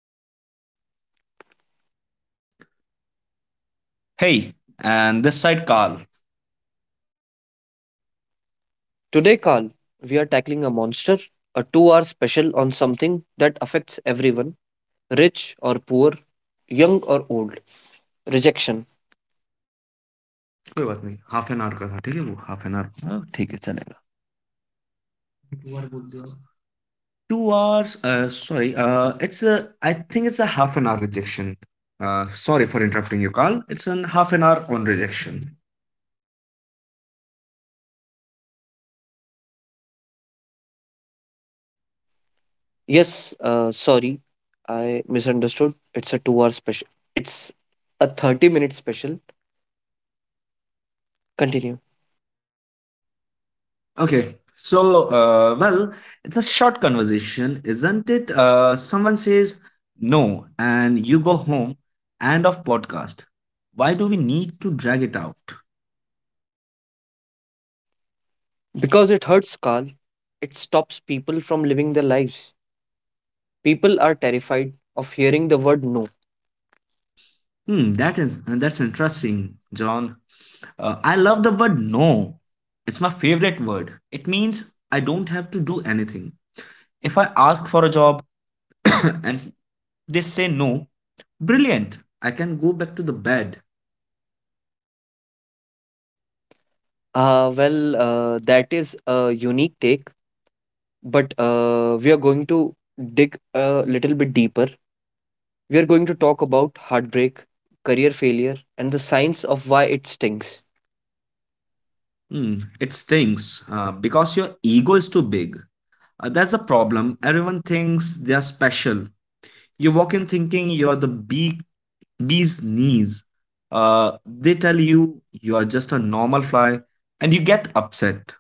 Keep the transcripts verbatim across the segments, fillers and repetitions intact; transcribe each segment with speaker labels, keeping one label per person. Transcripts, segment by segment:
Speaker 1: I'm John.
Speaker 2: Hey, and this side Carl.
Speaker 1: Today, Carl, we are tackling a monster, a two hour special on something that affects everyone, rich or poor, young or old. Rejection.
Speaker 2: कोई बात नहीं half an our का था ठीक है वो half an our ठीक है चलेगा two hours sorry it's I think it's a half an hour rejection sorry for interrupting you call it's an half an hour on rejection.
Speaker 1: Yes, uh, sorry, I misunderstood. It's a two hour special. It's a thirty minute special. Continue.
Speaker 2: Okay, so uh, well, it's a short conversation, isn't it? Uh, someone says no and you go home. End of podcast. Why do we need to drag it out?
Speaker 1: Because it hurts, Carl, it stops people from living their lives. People are terrified of hearing the word no.
Speaker 2: Hmm that is, that's interesting, John. Uh, I love the word no. It's my favorite word. It means I don't have to do anything. If I ask for a job and they say no, brilliant. I can go back to the bed.
Speaker 1: Uh, well, uh, that is a unique take. But uh, we are going to dig a little bit deeper. We are going to talk about heartbreak, career failure, and the signs of why it stings.
Speaker 2: Hmm, it stings uh, because your ego is too big. Uh, that's a problem. Everyone thinks they are special. You walk in thinking you're the bee, bee's knees. Uh, they tell you you are just a normal fly and you get upset.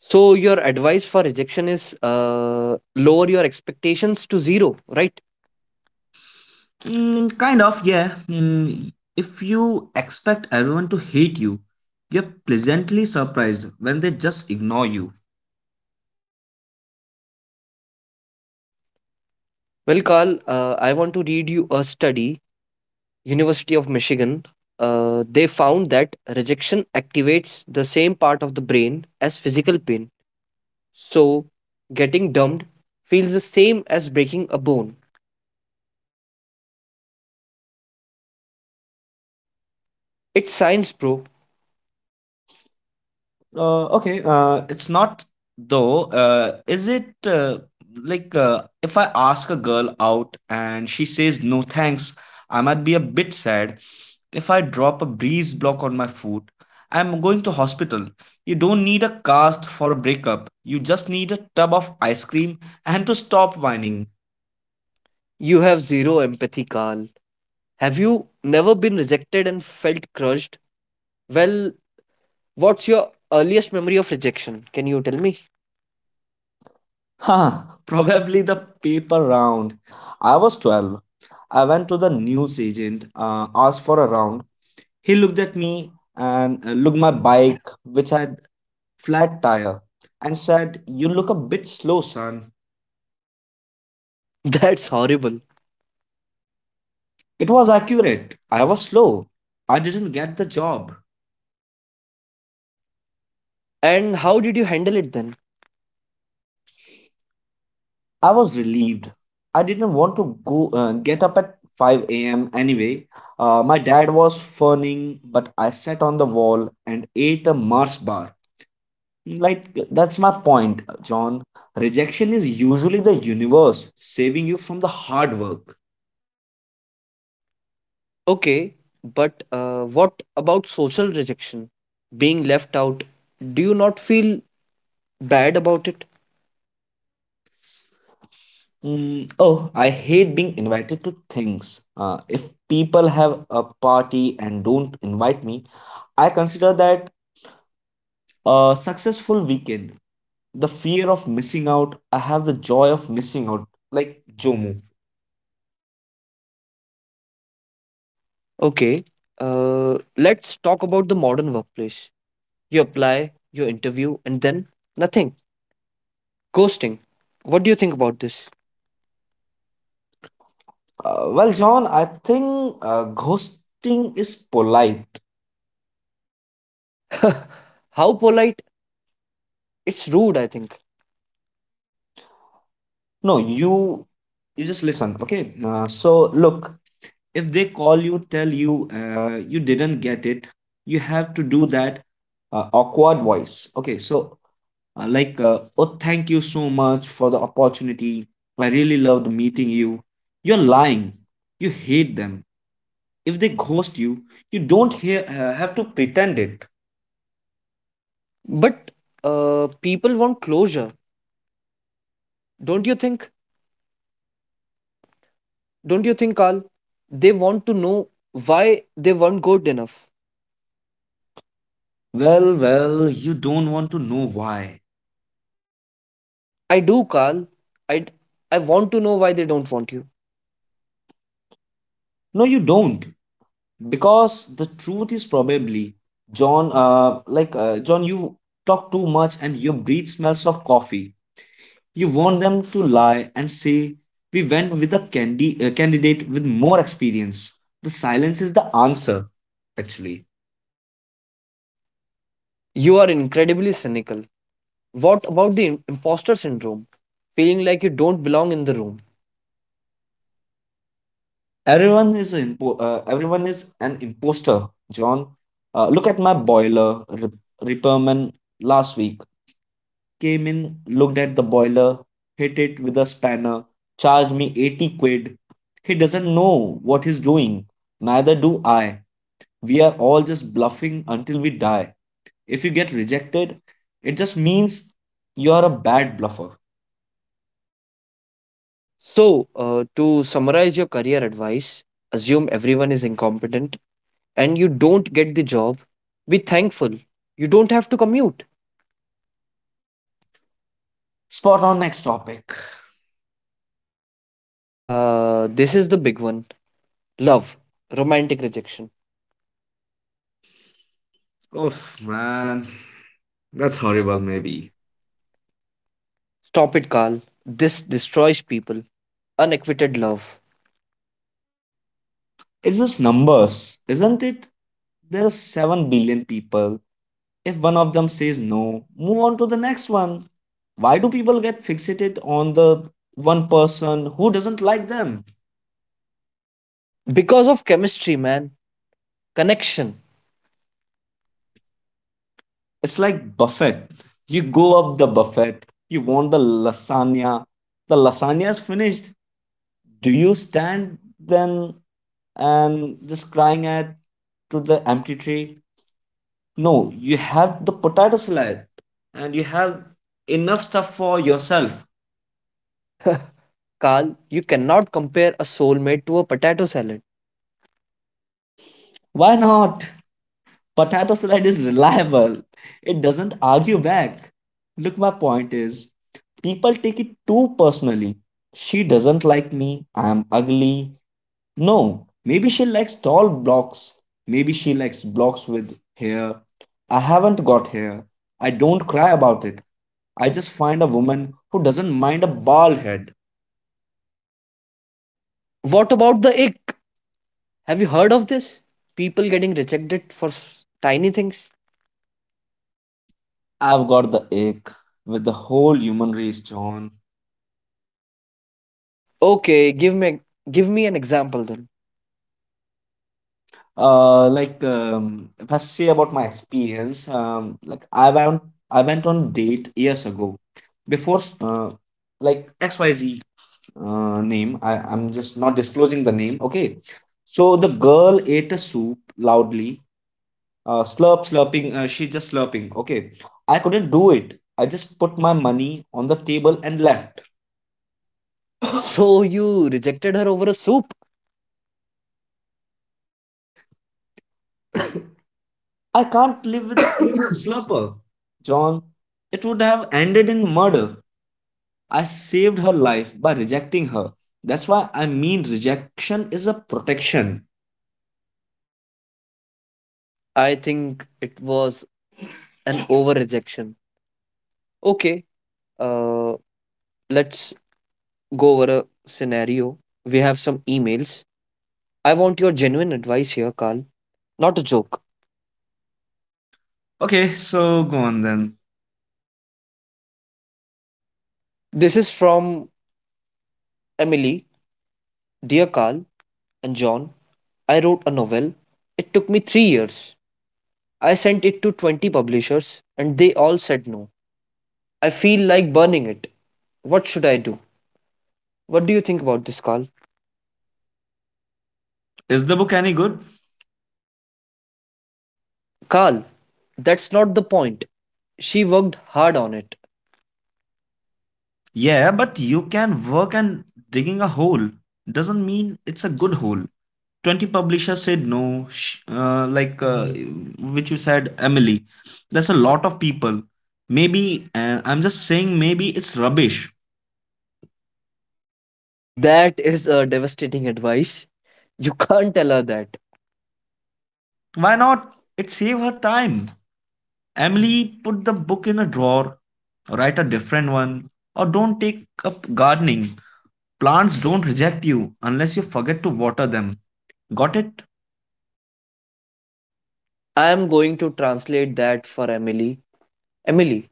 Speaker 1: So, your advice for rejection is uh, lower your expectations to zero, right?
Speaker 2: Right? Mm, kind of, yeah. Mm, if you expect everyone to hate you, you're pleasantly surprised when they just ignore you.
Speaker 1: Well, Carl, uh, I want to read you a study, University of Michigan. Uh, they found that rejection activates the same part of the brain as physical pain. So, getting dumped feels the same as breaking a bone.
Speaker 2: Hey, don't talk rubbish.
Speaker 1: It's science, bro.
Speaker 2: Uh, okay, uh, it's not though. Uh, is it uh, like uh, if I ask a girl out and she says no thanks, I might be a bit sad. If I drop a breeze block on my foot, I'm going to hospital. You don't need a cast for a breakup. You just need a tub of ice cream and to stop whining.
Speaker 1: You have zero empathy, Carl. Have you never been rejected and felt crushed? Well, what's your earliest memory of rejection? Can you tell me?
Speaker 2: Ha! Probably the paper round. I was twelve. I went to the news agent, uh, asked for a round. He looked at me and uh, looked my bike, which had flat tire, and said, "You look a bit slow, son."
Speaker 1: That's horrible.
Speaker 2: It was accurate. I was slow. I didn't get the job.
Speaker 1: And how did you handle it then?
Speaker 2: I was relieved. I didn't want to go uh, get up at five a m anyway. Uh, my dad was fawning, but I sat on the wall and ate a Mars bar. Like, that's my point, John. Rejection is usually the universe saving you from the hard work.
Speaker 1: Okay, but uh, what about social rejection? Being left out, do you not feel bad about it?
Speaker 2: Mm, oh, I hate being invited to things. Uh, if people have a party and don't invite me, I consider that a successful weekend. The fear of missing out. I have the joy of missing out, like Jomo.
Speaker 1: Okay, uh, let's talk about the modern workplace. You apply, you interview, and then nothing. Ghosting. What do you think about this?
Speaker 2: Uh, well, John, I think uh, ghosting is polite.
Speaker 1: How polite. It's rude, I think.
Speaker 2: No, you you just listen, okay? Uh, so look, if they call you, tell you uh, you didn't get it, you have to do that uh, awkward voice. Okay, so uh, like uh, oh thank you so much for the opportunity. I really loved meeting you. You're lying. You hate them. If they ghost you, you don't hear, uh, have to pretend it.
Speaker 1: But uh, people want closure, don't you think? Don't you think, Carl? They want to know why they weren't good enough.
Speaker 2: Well, well, you don't want to know why.
Speaker 1: I do, Carl. I I want to know why they don't want you.
Speaker 2: No, you don't. Because the truth is probably, John, uh, like, uh, John, you talk too much and your breath smells of coffee. You want them to lie and say, we went with a candi- uh, candidate with more experience. The silence is the answer, actually.
Speaker 1: You are incredibly cynical. What about the im- imposter syndrome? Feeling like you don't belong in the room.
Speaker 2: Everyone is an impo- uh, everyone is an imposter, John. Uh, look at my boiler. Rip- repairman last week came in, looked at the boiler, hit it with a spanner, charged me eighty quid. He doesn't know what he's doing. Neither do I. We are all just bluffing until we die. If you get rejected, it just means you are a bad bluffer.
Speaker 1: So, uh, to summarize your career advice, assume everyone is incompetent and you don't get the job. Be thankful. You don't have to commute.
Speaker 2: Spot on, next topic.
Speaker 1: Uh, this is the big one. Love, romantic rejection.
Speaker 2: Oh man, that's
Speaker 1: Sorry,
Speaker 2: horrible,
Speaker 1: horrible, maybe.
Speaker 2: maybe.
Speaker 1: Stop it, Carl. This destroys people. Unrequited love.
Speaker 2: It's just numbers, isn't it? There are seven billion people. If one of them says no, move on to the next one. Why do people get fixated on the one person who doesn't like them?
Speaker 1: Because of chemistry, man. Connection.
Speaker 2: It's like buffet. You go up the buffet, you want the lasagna. The lasagna is finished. Do you stand then and just crying at to the empty tray? No, you have the potato salad and you have enough stuff for yourself.
Speaker 1: Carl, you cannot compare a soulmate to a potato salad.
Speaker 2: Why not? Potato salad is reliable. It doesn't argue back. Look, my point is people take it too personally. She doesn't like me. I am ugly. No, maybe she likes tall blocks. Maybe she likes blocks with hair. I haven't got hair. I don't cry about it. I just find a woman who doesn't mind a bald head.
Speaker 1: What about the ick? Have you heard of this? People getting rejected for s- tiny things?
Speaker 2: I've got the ache with the whole human race, John.
Speaker 1: Okay, give me give me an example then.
Speaker 2: Uh, like um, if I say about my experience, um, like I went I went on date years ago, before uh, like X Y Z uh, name. I I'm just not disclosing the name. Okay, so the girl ate a soup loudly, uh, slurp slurping. Uh, she just slurping. Okay, I couldn't do it. I just put my money on the table and left.
Speaker 1: So you rejected her over a soup?
Speaker 2: I can't live with a slur- slurper, John. It would have ended in murder. I saved her life by rejecting her. That's why I mean rejection is a protection.
Speaker 1: I think it was an over rejection. Okay, Uh, let's go over a scenario. We have some emails. I want your genuine advice here, Carl, not a joke.
Speaker 2: Okay, so go on then.
Speaker 1: This is from Emily. Dear Carl and John, I wrote a novel. It took me three years. I sent it to twenty publishers and they all said no. I feel like burning it. What should I do? What do you think about this, Carl?
Speaker 2: Is the book any good?
Speaker 1: Carl, that's not the point. She worked hard on it.
Speaker 2: Yeah, but you can work and digging a hole doesn't mean it's a good hole. twenty publishers said no, sh- uh, like uh, which you said, Emily. That's a lot of people. Maybe, and I'm just saying, maybe it's rubbish.
Speaker 1: That is a devastating advice. You can't tell her that.
Speaker 2: Why not? It saved her time. Emily, put the book in a drawer, write a different one, or don't take up gardening. Plants don't reject you unless you forget to water them. Got it?
Speaker 1: I'm going to translate that for Emily. Emily,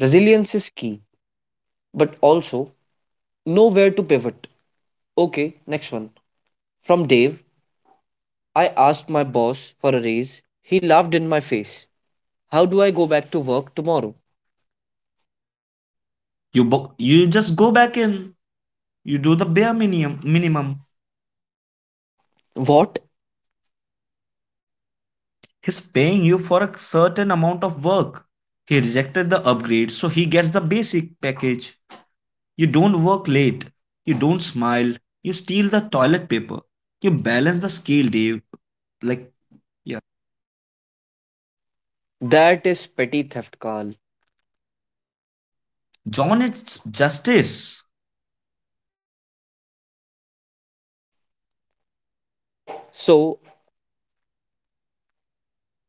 Speaker 1: resilience is key, but also know where to pivot. Okay, next one. From Dave, I asked my boss for a raise. He laughed in my face. How do I go back to work tomorrow?
Speaker 2: You bo- you just go back in. You do the bare minimum. Minimum.
Speaker 1: What?
Speaker 2: He's paying you for a certain amount of work. He rejected the upgrade, so he gets the basic package. You don't work late. You don't smile. You steal the toilet paper. You balance the scale, Dave. Like yeah,
Speaker 1: That is petty theft, Carl.
Speaker 2: John, it's justice.
Speaker 1: So,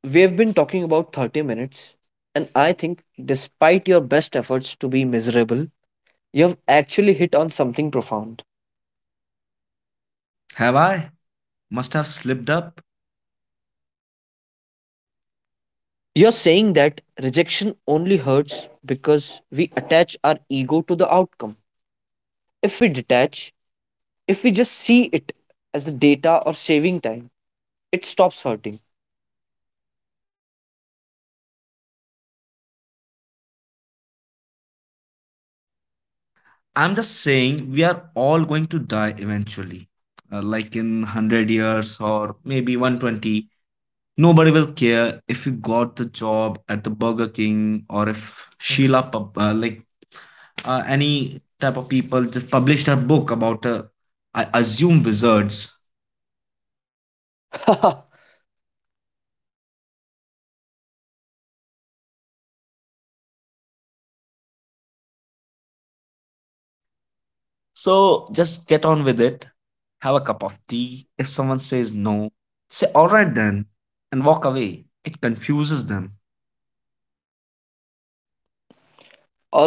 Speaker 1: we have been talking about thirty minutes, and I think despite your best efforts to be miserable, you have actually hit on something profound.
Speaker 2: Have I? Must have slipped up.
Speaker 1: You're saying that rejection only hurts because we attach our ego to the outcome. If we detach, if we just see it as the data or saving time, it stops hurting.
Speaker 2: I'm just saying we are all going to die eventually. Uh, like in one hundred years or maybe one twenty. Nobody will care if you got the job at the Burger King or if Sheila, pub- uh, like uh, any type of people, just published her book about, uh, I assume, wizards.
Speaker 1: All
Speaker 2: So just get on with it. Have a cup of tea. If someone says no, say, all right then, and walk away. It confuses them.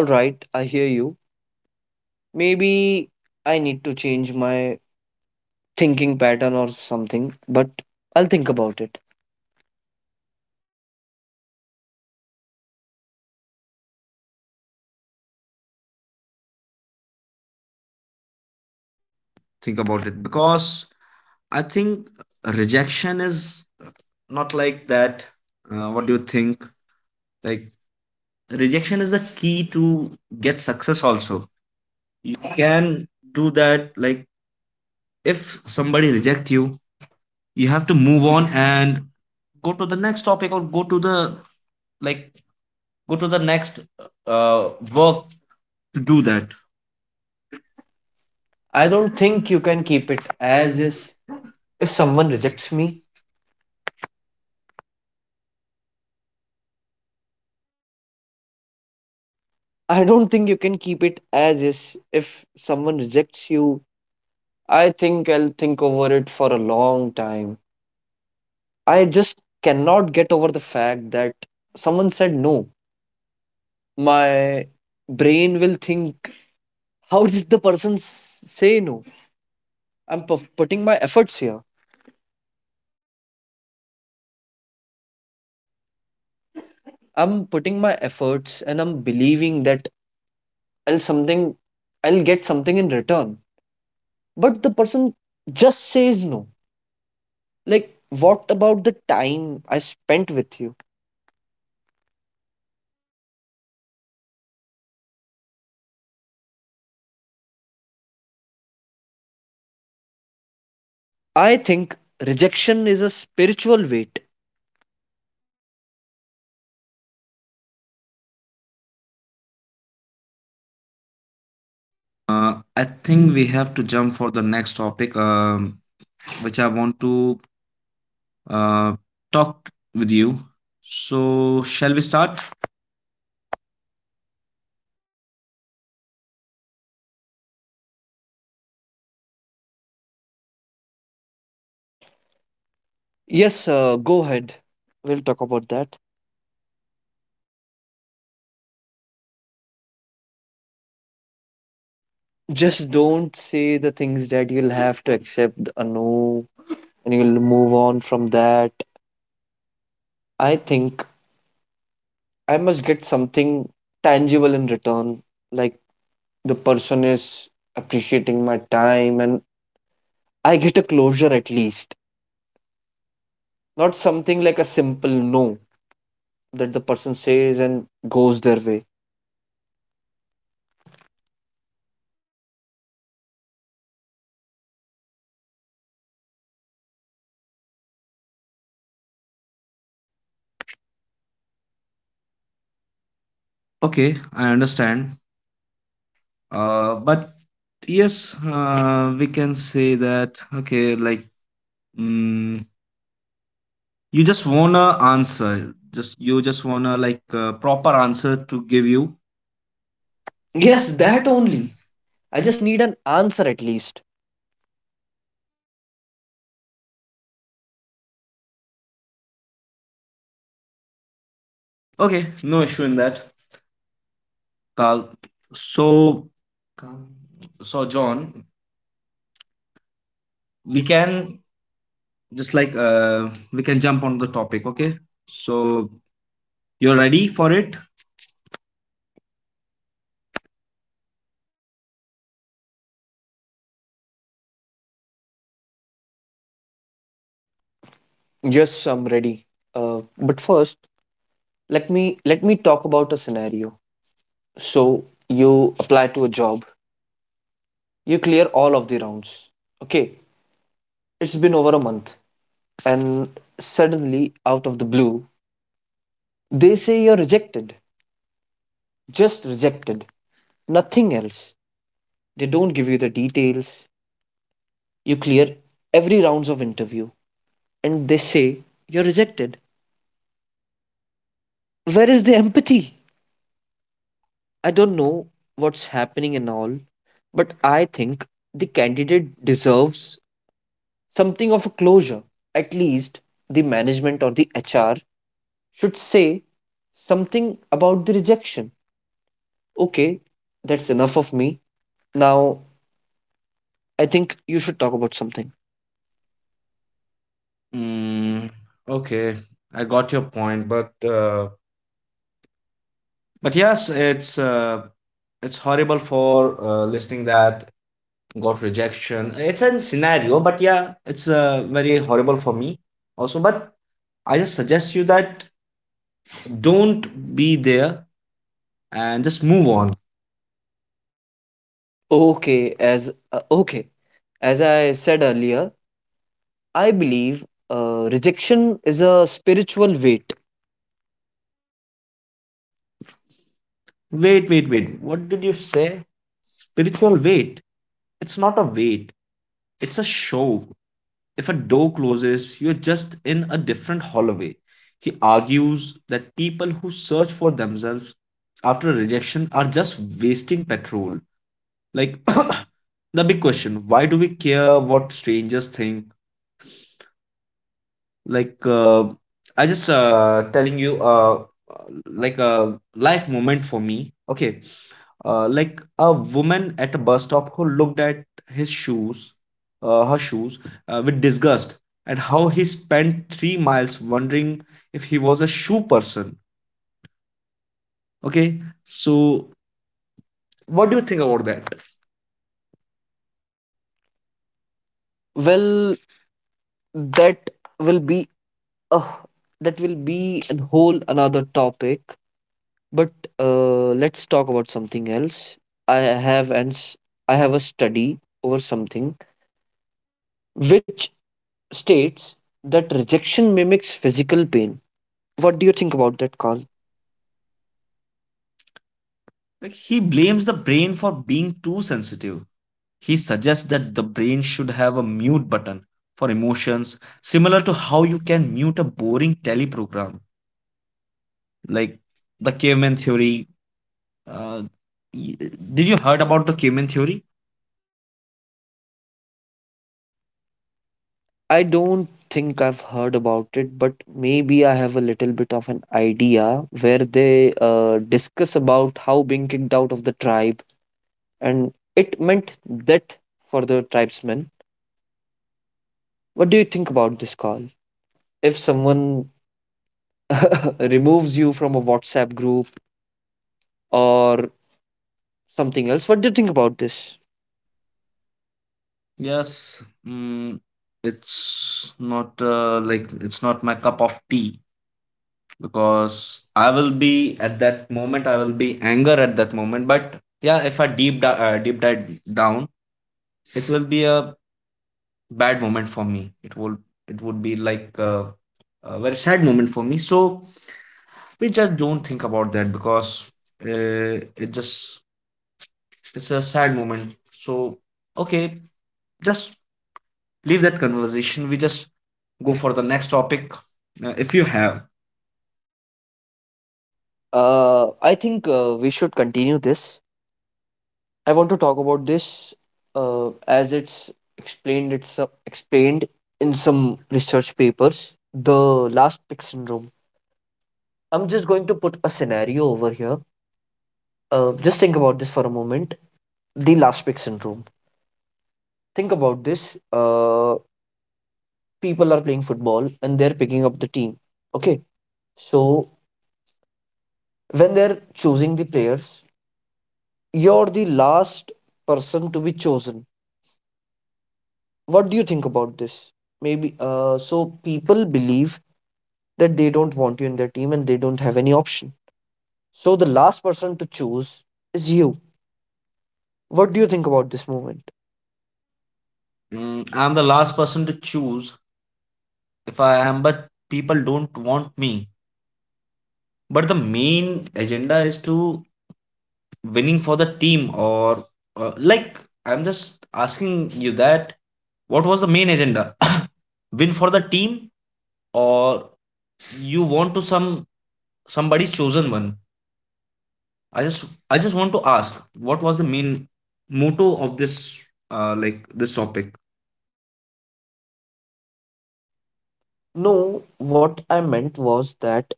Speaker 1: right, I hear you. Maybe I need to change my thinking pattern or something, but I'll think about it.
Speaker 2: Think about it because I think rejection is not like that. Uh, what do you think? Like rejection is the key to get success. Also, you can do that. Like if somebody reject you, you have to move on and go to the next topic or go to the like go to the next uh, work to do that.
Speaker 1: I
Speaker 2: I
Speaker 1: don't
Speaker 2: don't
Speaker 1: think you
Speaker 2: think you
Speaker 1: can
Speaker 2: can
Speaker 1: keep
Speaker 2: keep
Speaker 1: it
Speaker 2: it
Speaker 1: as
Speaker 2: as
Speaker 1: is
Speaker 2: is.
Speaker 1: if
Speaker 2: If
Speaker 1: someone
Speaker 2: someone
Speaker 1: rejects
Speaker 2: rejects
Speaker 1: me.
Speaker 2: me,
Speaker 1: I don't think you can keep it as is if someone rejects you. I think I'll think over it for a long time. I just cannot get over the fact that someone said no. My brain will think, how did the person s- say no? I'm pu- putting my efforts here. I'm putting my efforts and I'm believing that I'll something I'll get something in return. But the person just says no. Like what about the time I spent with you? I think rejection is a spiritual weight.
Speaker 2: Uh, I think we have to jump for the next topic. Um, which I want to uh, talk with you. So, shall we start?
Speaker 1: Yes, uh, go ahead. We'll talk about that. Just don't say the things that you'll have to accept a no and you'll move on from that. I think I must get something tangible in return, like the person is appreciating my time and I get a closure at least. Not something like a simple no that the person says and goes their way.
Speaker 2: Okay, I understand. Uh, but yes, uh, we can say that. Okay, like mm, you just wanna answer. Just you just wanna like uh, proper answer to give you.
Speaker 1: Yes, that
Speaker 2: Yes, that
Speaker 1: only.
Speaker 2: only.
Speaker 1: I just need an
Speaker 2: I just.
Speaker 1: answer at least.
Speaker 2: Okay, no issue in that, Carl. So, come. So John, we can just like uh, we can jump on the topic. Okay, so you're ready for it?
Speaker 1: Yes, I'm ready. Uh, but first, let me let me talk about a scenario. So you apply to a job, you clear all of the rounds. Okay, it's been over a month, and suddenly, out of the blue, they say you're rejected. Just rejected, nothing else. They don't give you the details. You clear every rounds of interview and they say you're rejected. Where is the empathy? I don't know what's happening and all, but I think the candidate deserves something of a closure. At least the management or the H R should say something about the rejection. Okay, that's enough of me. Now, I think you should talk about something.
Speaker 2: Mm, okay, I got your point, but uh, but yes, it's uh, it's horrible for uh, listening that got rejection. It's a scenario, but yeah, it's uh, very horrible for me also. But I just suggest you that don't be there and just move on.
Speaker 1: Okay, as uh, okay, as I said earlier, I believe uh, rejection is a spiritual weight.
Speaker 2: Wait, wait, wait. What did you say? Spiritual weight. It's not a weight. It's a show. If a door closes, you're just in a different hallway. He argues that people who search for themselves after rejection are just wasting petrol. Like, the big question, why do we care what strangers think? Like, uh, I just uh, telling you, uh, like a life moment for me. Okay, uh, like a woman at a bus stop who looked at his shoes, uh, her shoes, uh, with disgust at how he spent three miles wondering if he was a shoe person. Okay, so what do you think about that?
Speaker 1: Well, that will be uh, that will be an whole another topic. But uh, let's talk about something else. I have and I have a study over something which states that rejection mimics physical pain. What do you think about that,
Speaker 2: Uh,
Speaker 1: Carl?
Speaker 2: Like he blames the brain for being too sensitive. He suggests that the brain should have a mute button for emotions, similar to how you can mute a boring teleprogram, like the caveman theory. Uh, y- did you heard about the Cayman theory?
Speaker 1: I don't think I've heard about it, but maybe I have a little bit of an idea where they uh, discuss about how being kicked out of the tribe and it meant that for the tribesmen. What do you think about this, Carl? If someone removes you from a WhatsApp group or something else. What do you think about this?
Speaker 2: Yes. Mm, it's not uh, like it's not my cup of tea because I will be at that moment, I will be anger at that moment. But yeah, if I deep di- uh, deep dive down, it will be a bad moment for me. It will it would be like a, a very sad moment for me. So we just don't think about that because uh, it just it's a sad moment. So okay, just leave that conversation. We just go for the next topic. Uh, if you have.
Speaker 1: Uh, I think uh, we should continue this. I want to talk about this uh, as it's explained. It's uh, explained in some research papers. The last pick syndrome. I'm just going to put a scenario over here. Uh, just think about this for a moment. The last pick syndrome. Think about this. Uh, people are playing football and they're picking up the team. Okay, so when they're choosing the players, you're the last person to be chosen. What do you think about this? Maybe uh, so people believe that they don't want you in their team and they don't have any option. So the last person to choose is you. What do you think about this movement?
Speaker 2: Mm, I'm the last person to choose, if I am, but people don't want me. But the main agenda is to winning for the team, or uh, like I'm just asking you that what was the main agenda win for the team, or you want to some somebody's chosen one? I just I just want to ask, what was the main motto of this, uh, like this topic?
Speaker 1: No, what I meant was that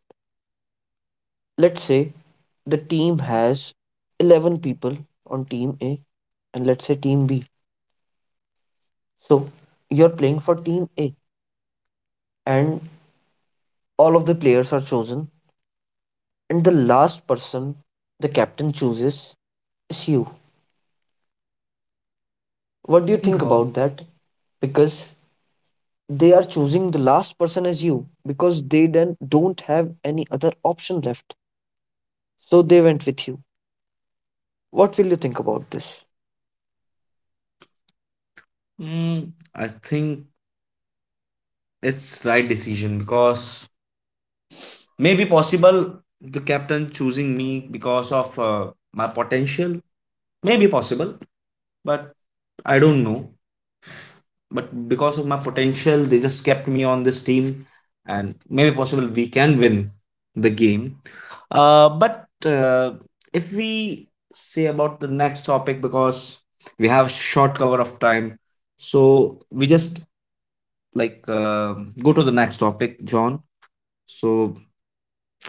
Speaker 1: let's say the team has eleven people on team A and let's say team B. So you're playing for team A and all of the players are chosen and the last person the captain chooses is you.
Speaker 2: What
Speaker 1: What
Speaker 2: do
Speaker 1: do
Speaker 2: you
Speaker 1: you
Speaker 2: think
Speaker 1: think
Speaker 2: about?
Speaker 1: about that? Because they are choosing the last person as you because they then don't have any other option left. So they went with you. What will you think about this?
Speaker 2: Mm, I think it's right decision, because maybe possible the captain choosing me because of uh, my potential. Maybe possible, but I don't know. But because of my potential, they just kept me on this team, and maybe possible we can win the game. Uh, but uh, if we say about the next topic, because we have short cover of time, so we just like uh, go to the next topic, John. So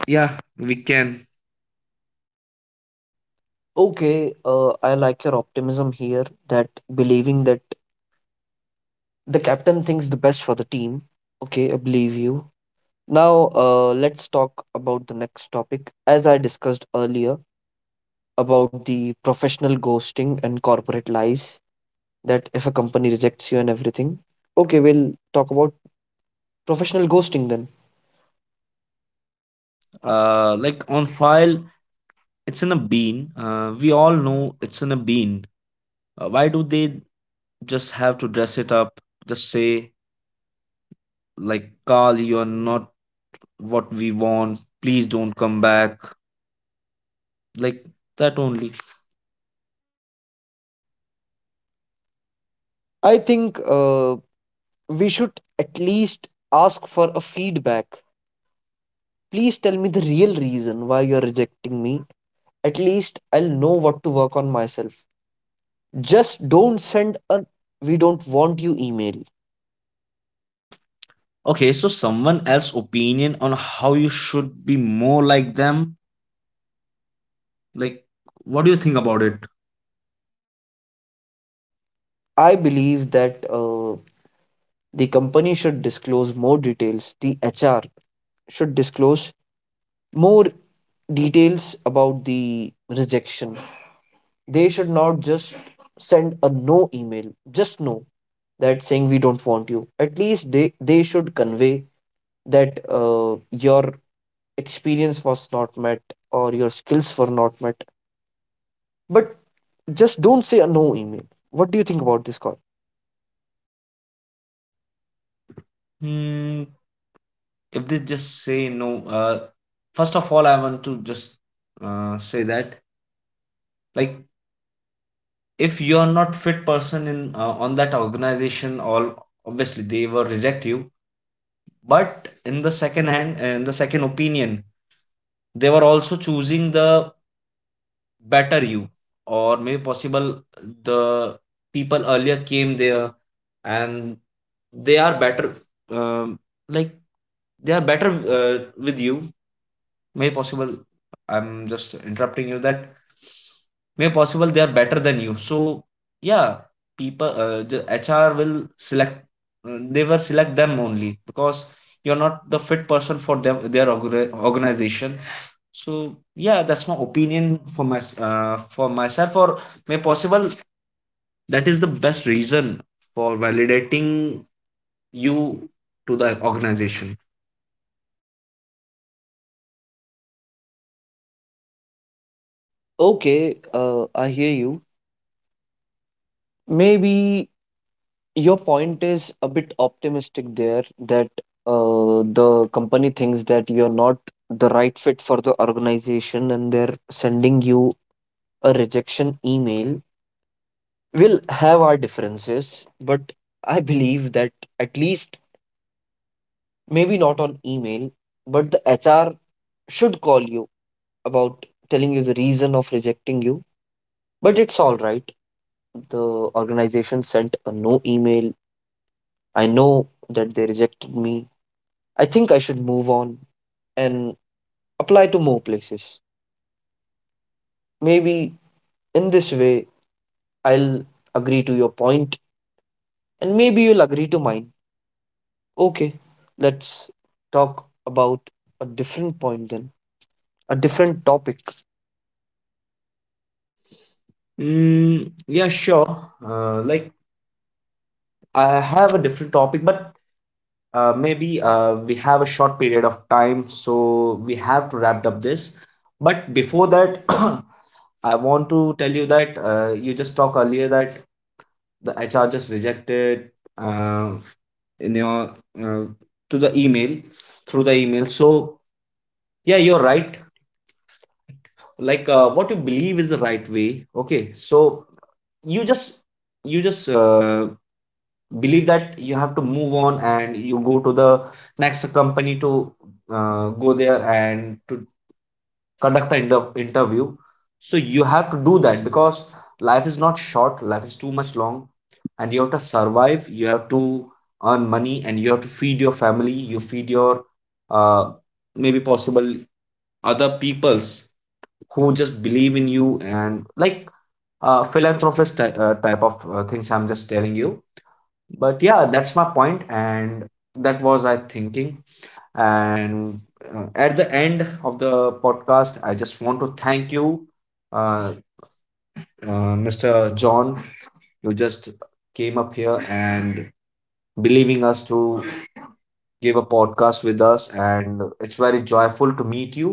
Speaker 2: yeah, we can.
Speaker 1: Okay, uh, I like your optimism here that believing that the captain thinks the best for the team. Okay, I believe you. Now, uh, let's talk about the next topic. As I discussed earlier about the professional ghosting and corporate lies, that if a company rejects you and everything. Okay, we'll talk about professional ghosting then.
Speaker 2: Uh like on file, it's in a bean. Uh, we all know it's in a bean. Uh, why do they just have to dress it up? Just say, like, Carl, you're not what we want, please don't come back, like that only.
Speaker 1: I think uh, we should at least ask for a feedback. Please tell me the real reason why you're rejecting me. At least I'll know what to work on myself. Just don't send a we don't want you email.
Speaker 2: Okay, so someone else opinion on how you should be more like them. Like, what do you think about it?
Speaker 1: I believe that uh, the company should disclose more details. The H R should disclose more details about the rejection. They should not just send a no email, just no, that saying we don't want you. At least they, they should convey that uh, your experience was not met or your skills were not met. But just don't say a no email. What do you think about this call?
Speaker 2: Hmm, if they just say no. uh, First of all, I want to just uh, say that, like, if you are not fit person in uh, on that organization, all obviously they will reject you. But in the second hand, in the second opinion, they were also choosing the better you. Or maybe possible the people earlier came there, and they are better. um, like they are better uh, with you. May possible, I'm just interrupting you that may possible they are better than you. So yeah, people, uh, the HR will select, uh, they will select them only because you're not the fit person for them, their orga- organization. So yeah, that's my opinion for my, uh, for myself. Or may possible that is the best reason for validating you to the organization.
Speaker 1: Okay, uh, I hear you. Maybe your point is a bit optimistic there that uh, the company thinks that you're not the right fit for the organization and they're sending you a rejection email. Will have our differences, but I believe that at least, maybe not on email, but the H R should call you about telling you the reason of rejecting you. But it's all right. The organization sent a no email. I know that they rejected me. I think I should move on and apply to more places. Maybe in this way, I'll agree to your point, and maybe you'll agree to mine. Okay, let's talk about a different point then, a different topic.
Speaker 2: Mm, yeah, sure. Uh, like, I have a different topic, but uh, maybe uh, we have a short period of time, so we have to wrap up this. But before that, I want to tell you that uh, you just talked earlier that the H R just rejected uh, in your uh, to the email, through the email. So yeah, you're right. Like, uh, what you believe is the right way. Okay, so you just you just uh, believe that you have to move on, and you go to the next company to uh, go there and to conduct an inter- interview. So you have to do that, because life is not short, life is too much long, and you have to survive, you have to earn money, and you have to feed your family, you feed your uh, maybe possible other peoples who just believe in you. And like, uh, philanthropist ty- uh, type of uh, things, I'm just telling you. But yeah, that's my point, and that was I thinking. And uh, at the end of the podcast, I just want to thank you, uh, uh, mr john. You just came up here and believing us to give a podcast with us, and it's very joyful to meet you.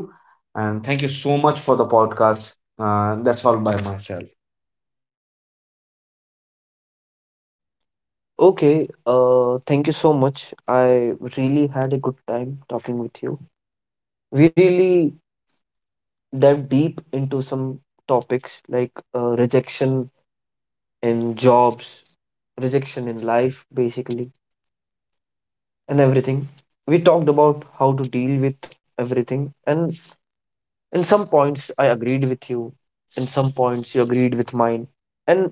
Speaker 2: And thank you so much for the podcast. Uh, that's all by myself.
Speaker 1: Okay, uh, thank you so much. I really had a good time talking with you. We really dive deep into some topics like uh, rejection in jobs, rejection in life, basically, and everything. We talked about how to deal with everything, and in some points, I agreed with you, in some points, you agreed with mine. And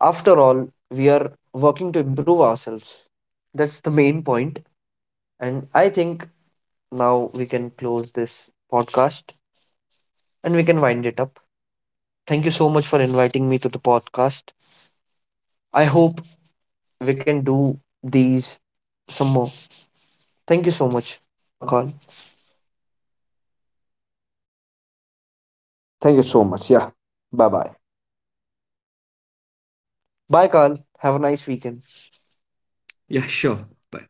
Speaker 1: after all, we are working to improve ourselves. That's the main point. And I think now we can close this podcast and we can wind it up. Thank you so much for inviting me to the podcast. I hope we can do these some more. Thank you so much, Carl.
Speaker 2: Thank you so much, yeah. Bye bye.
Speaker 1: Bye, Carl. Have a nice weekend.
Speaker 2: Yeah, sure. Bye.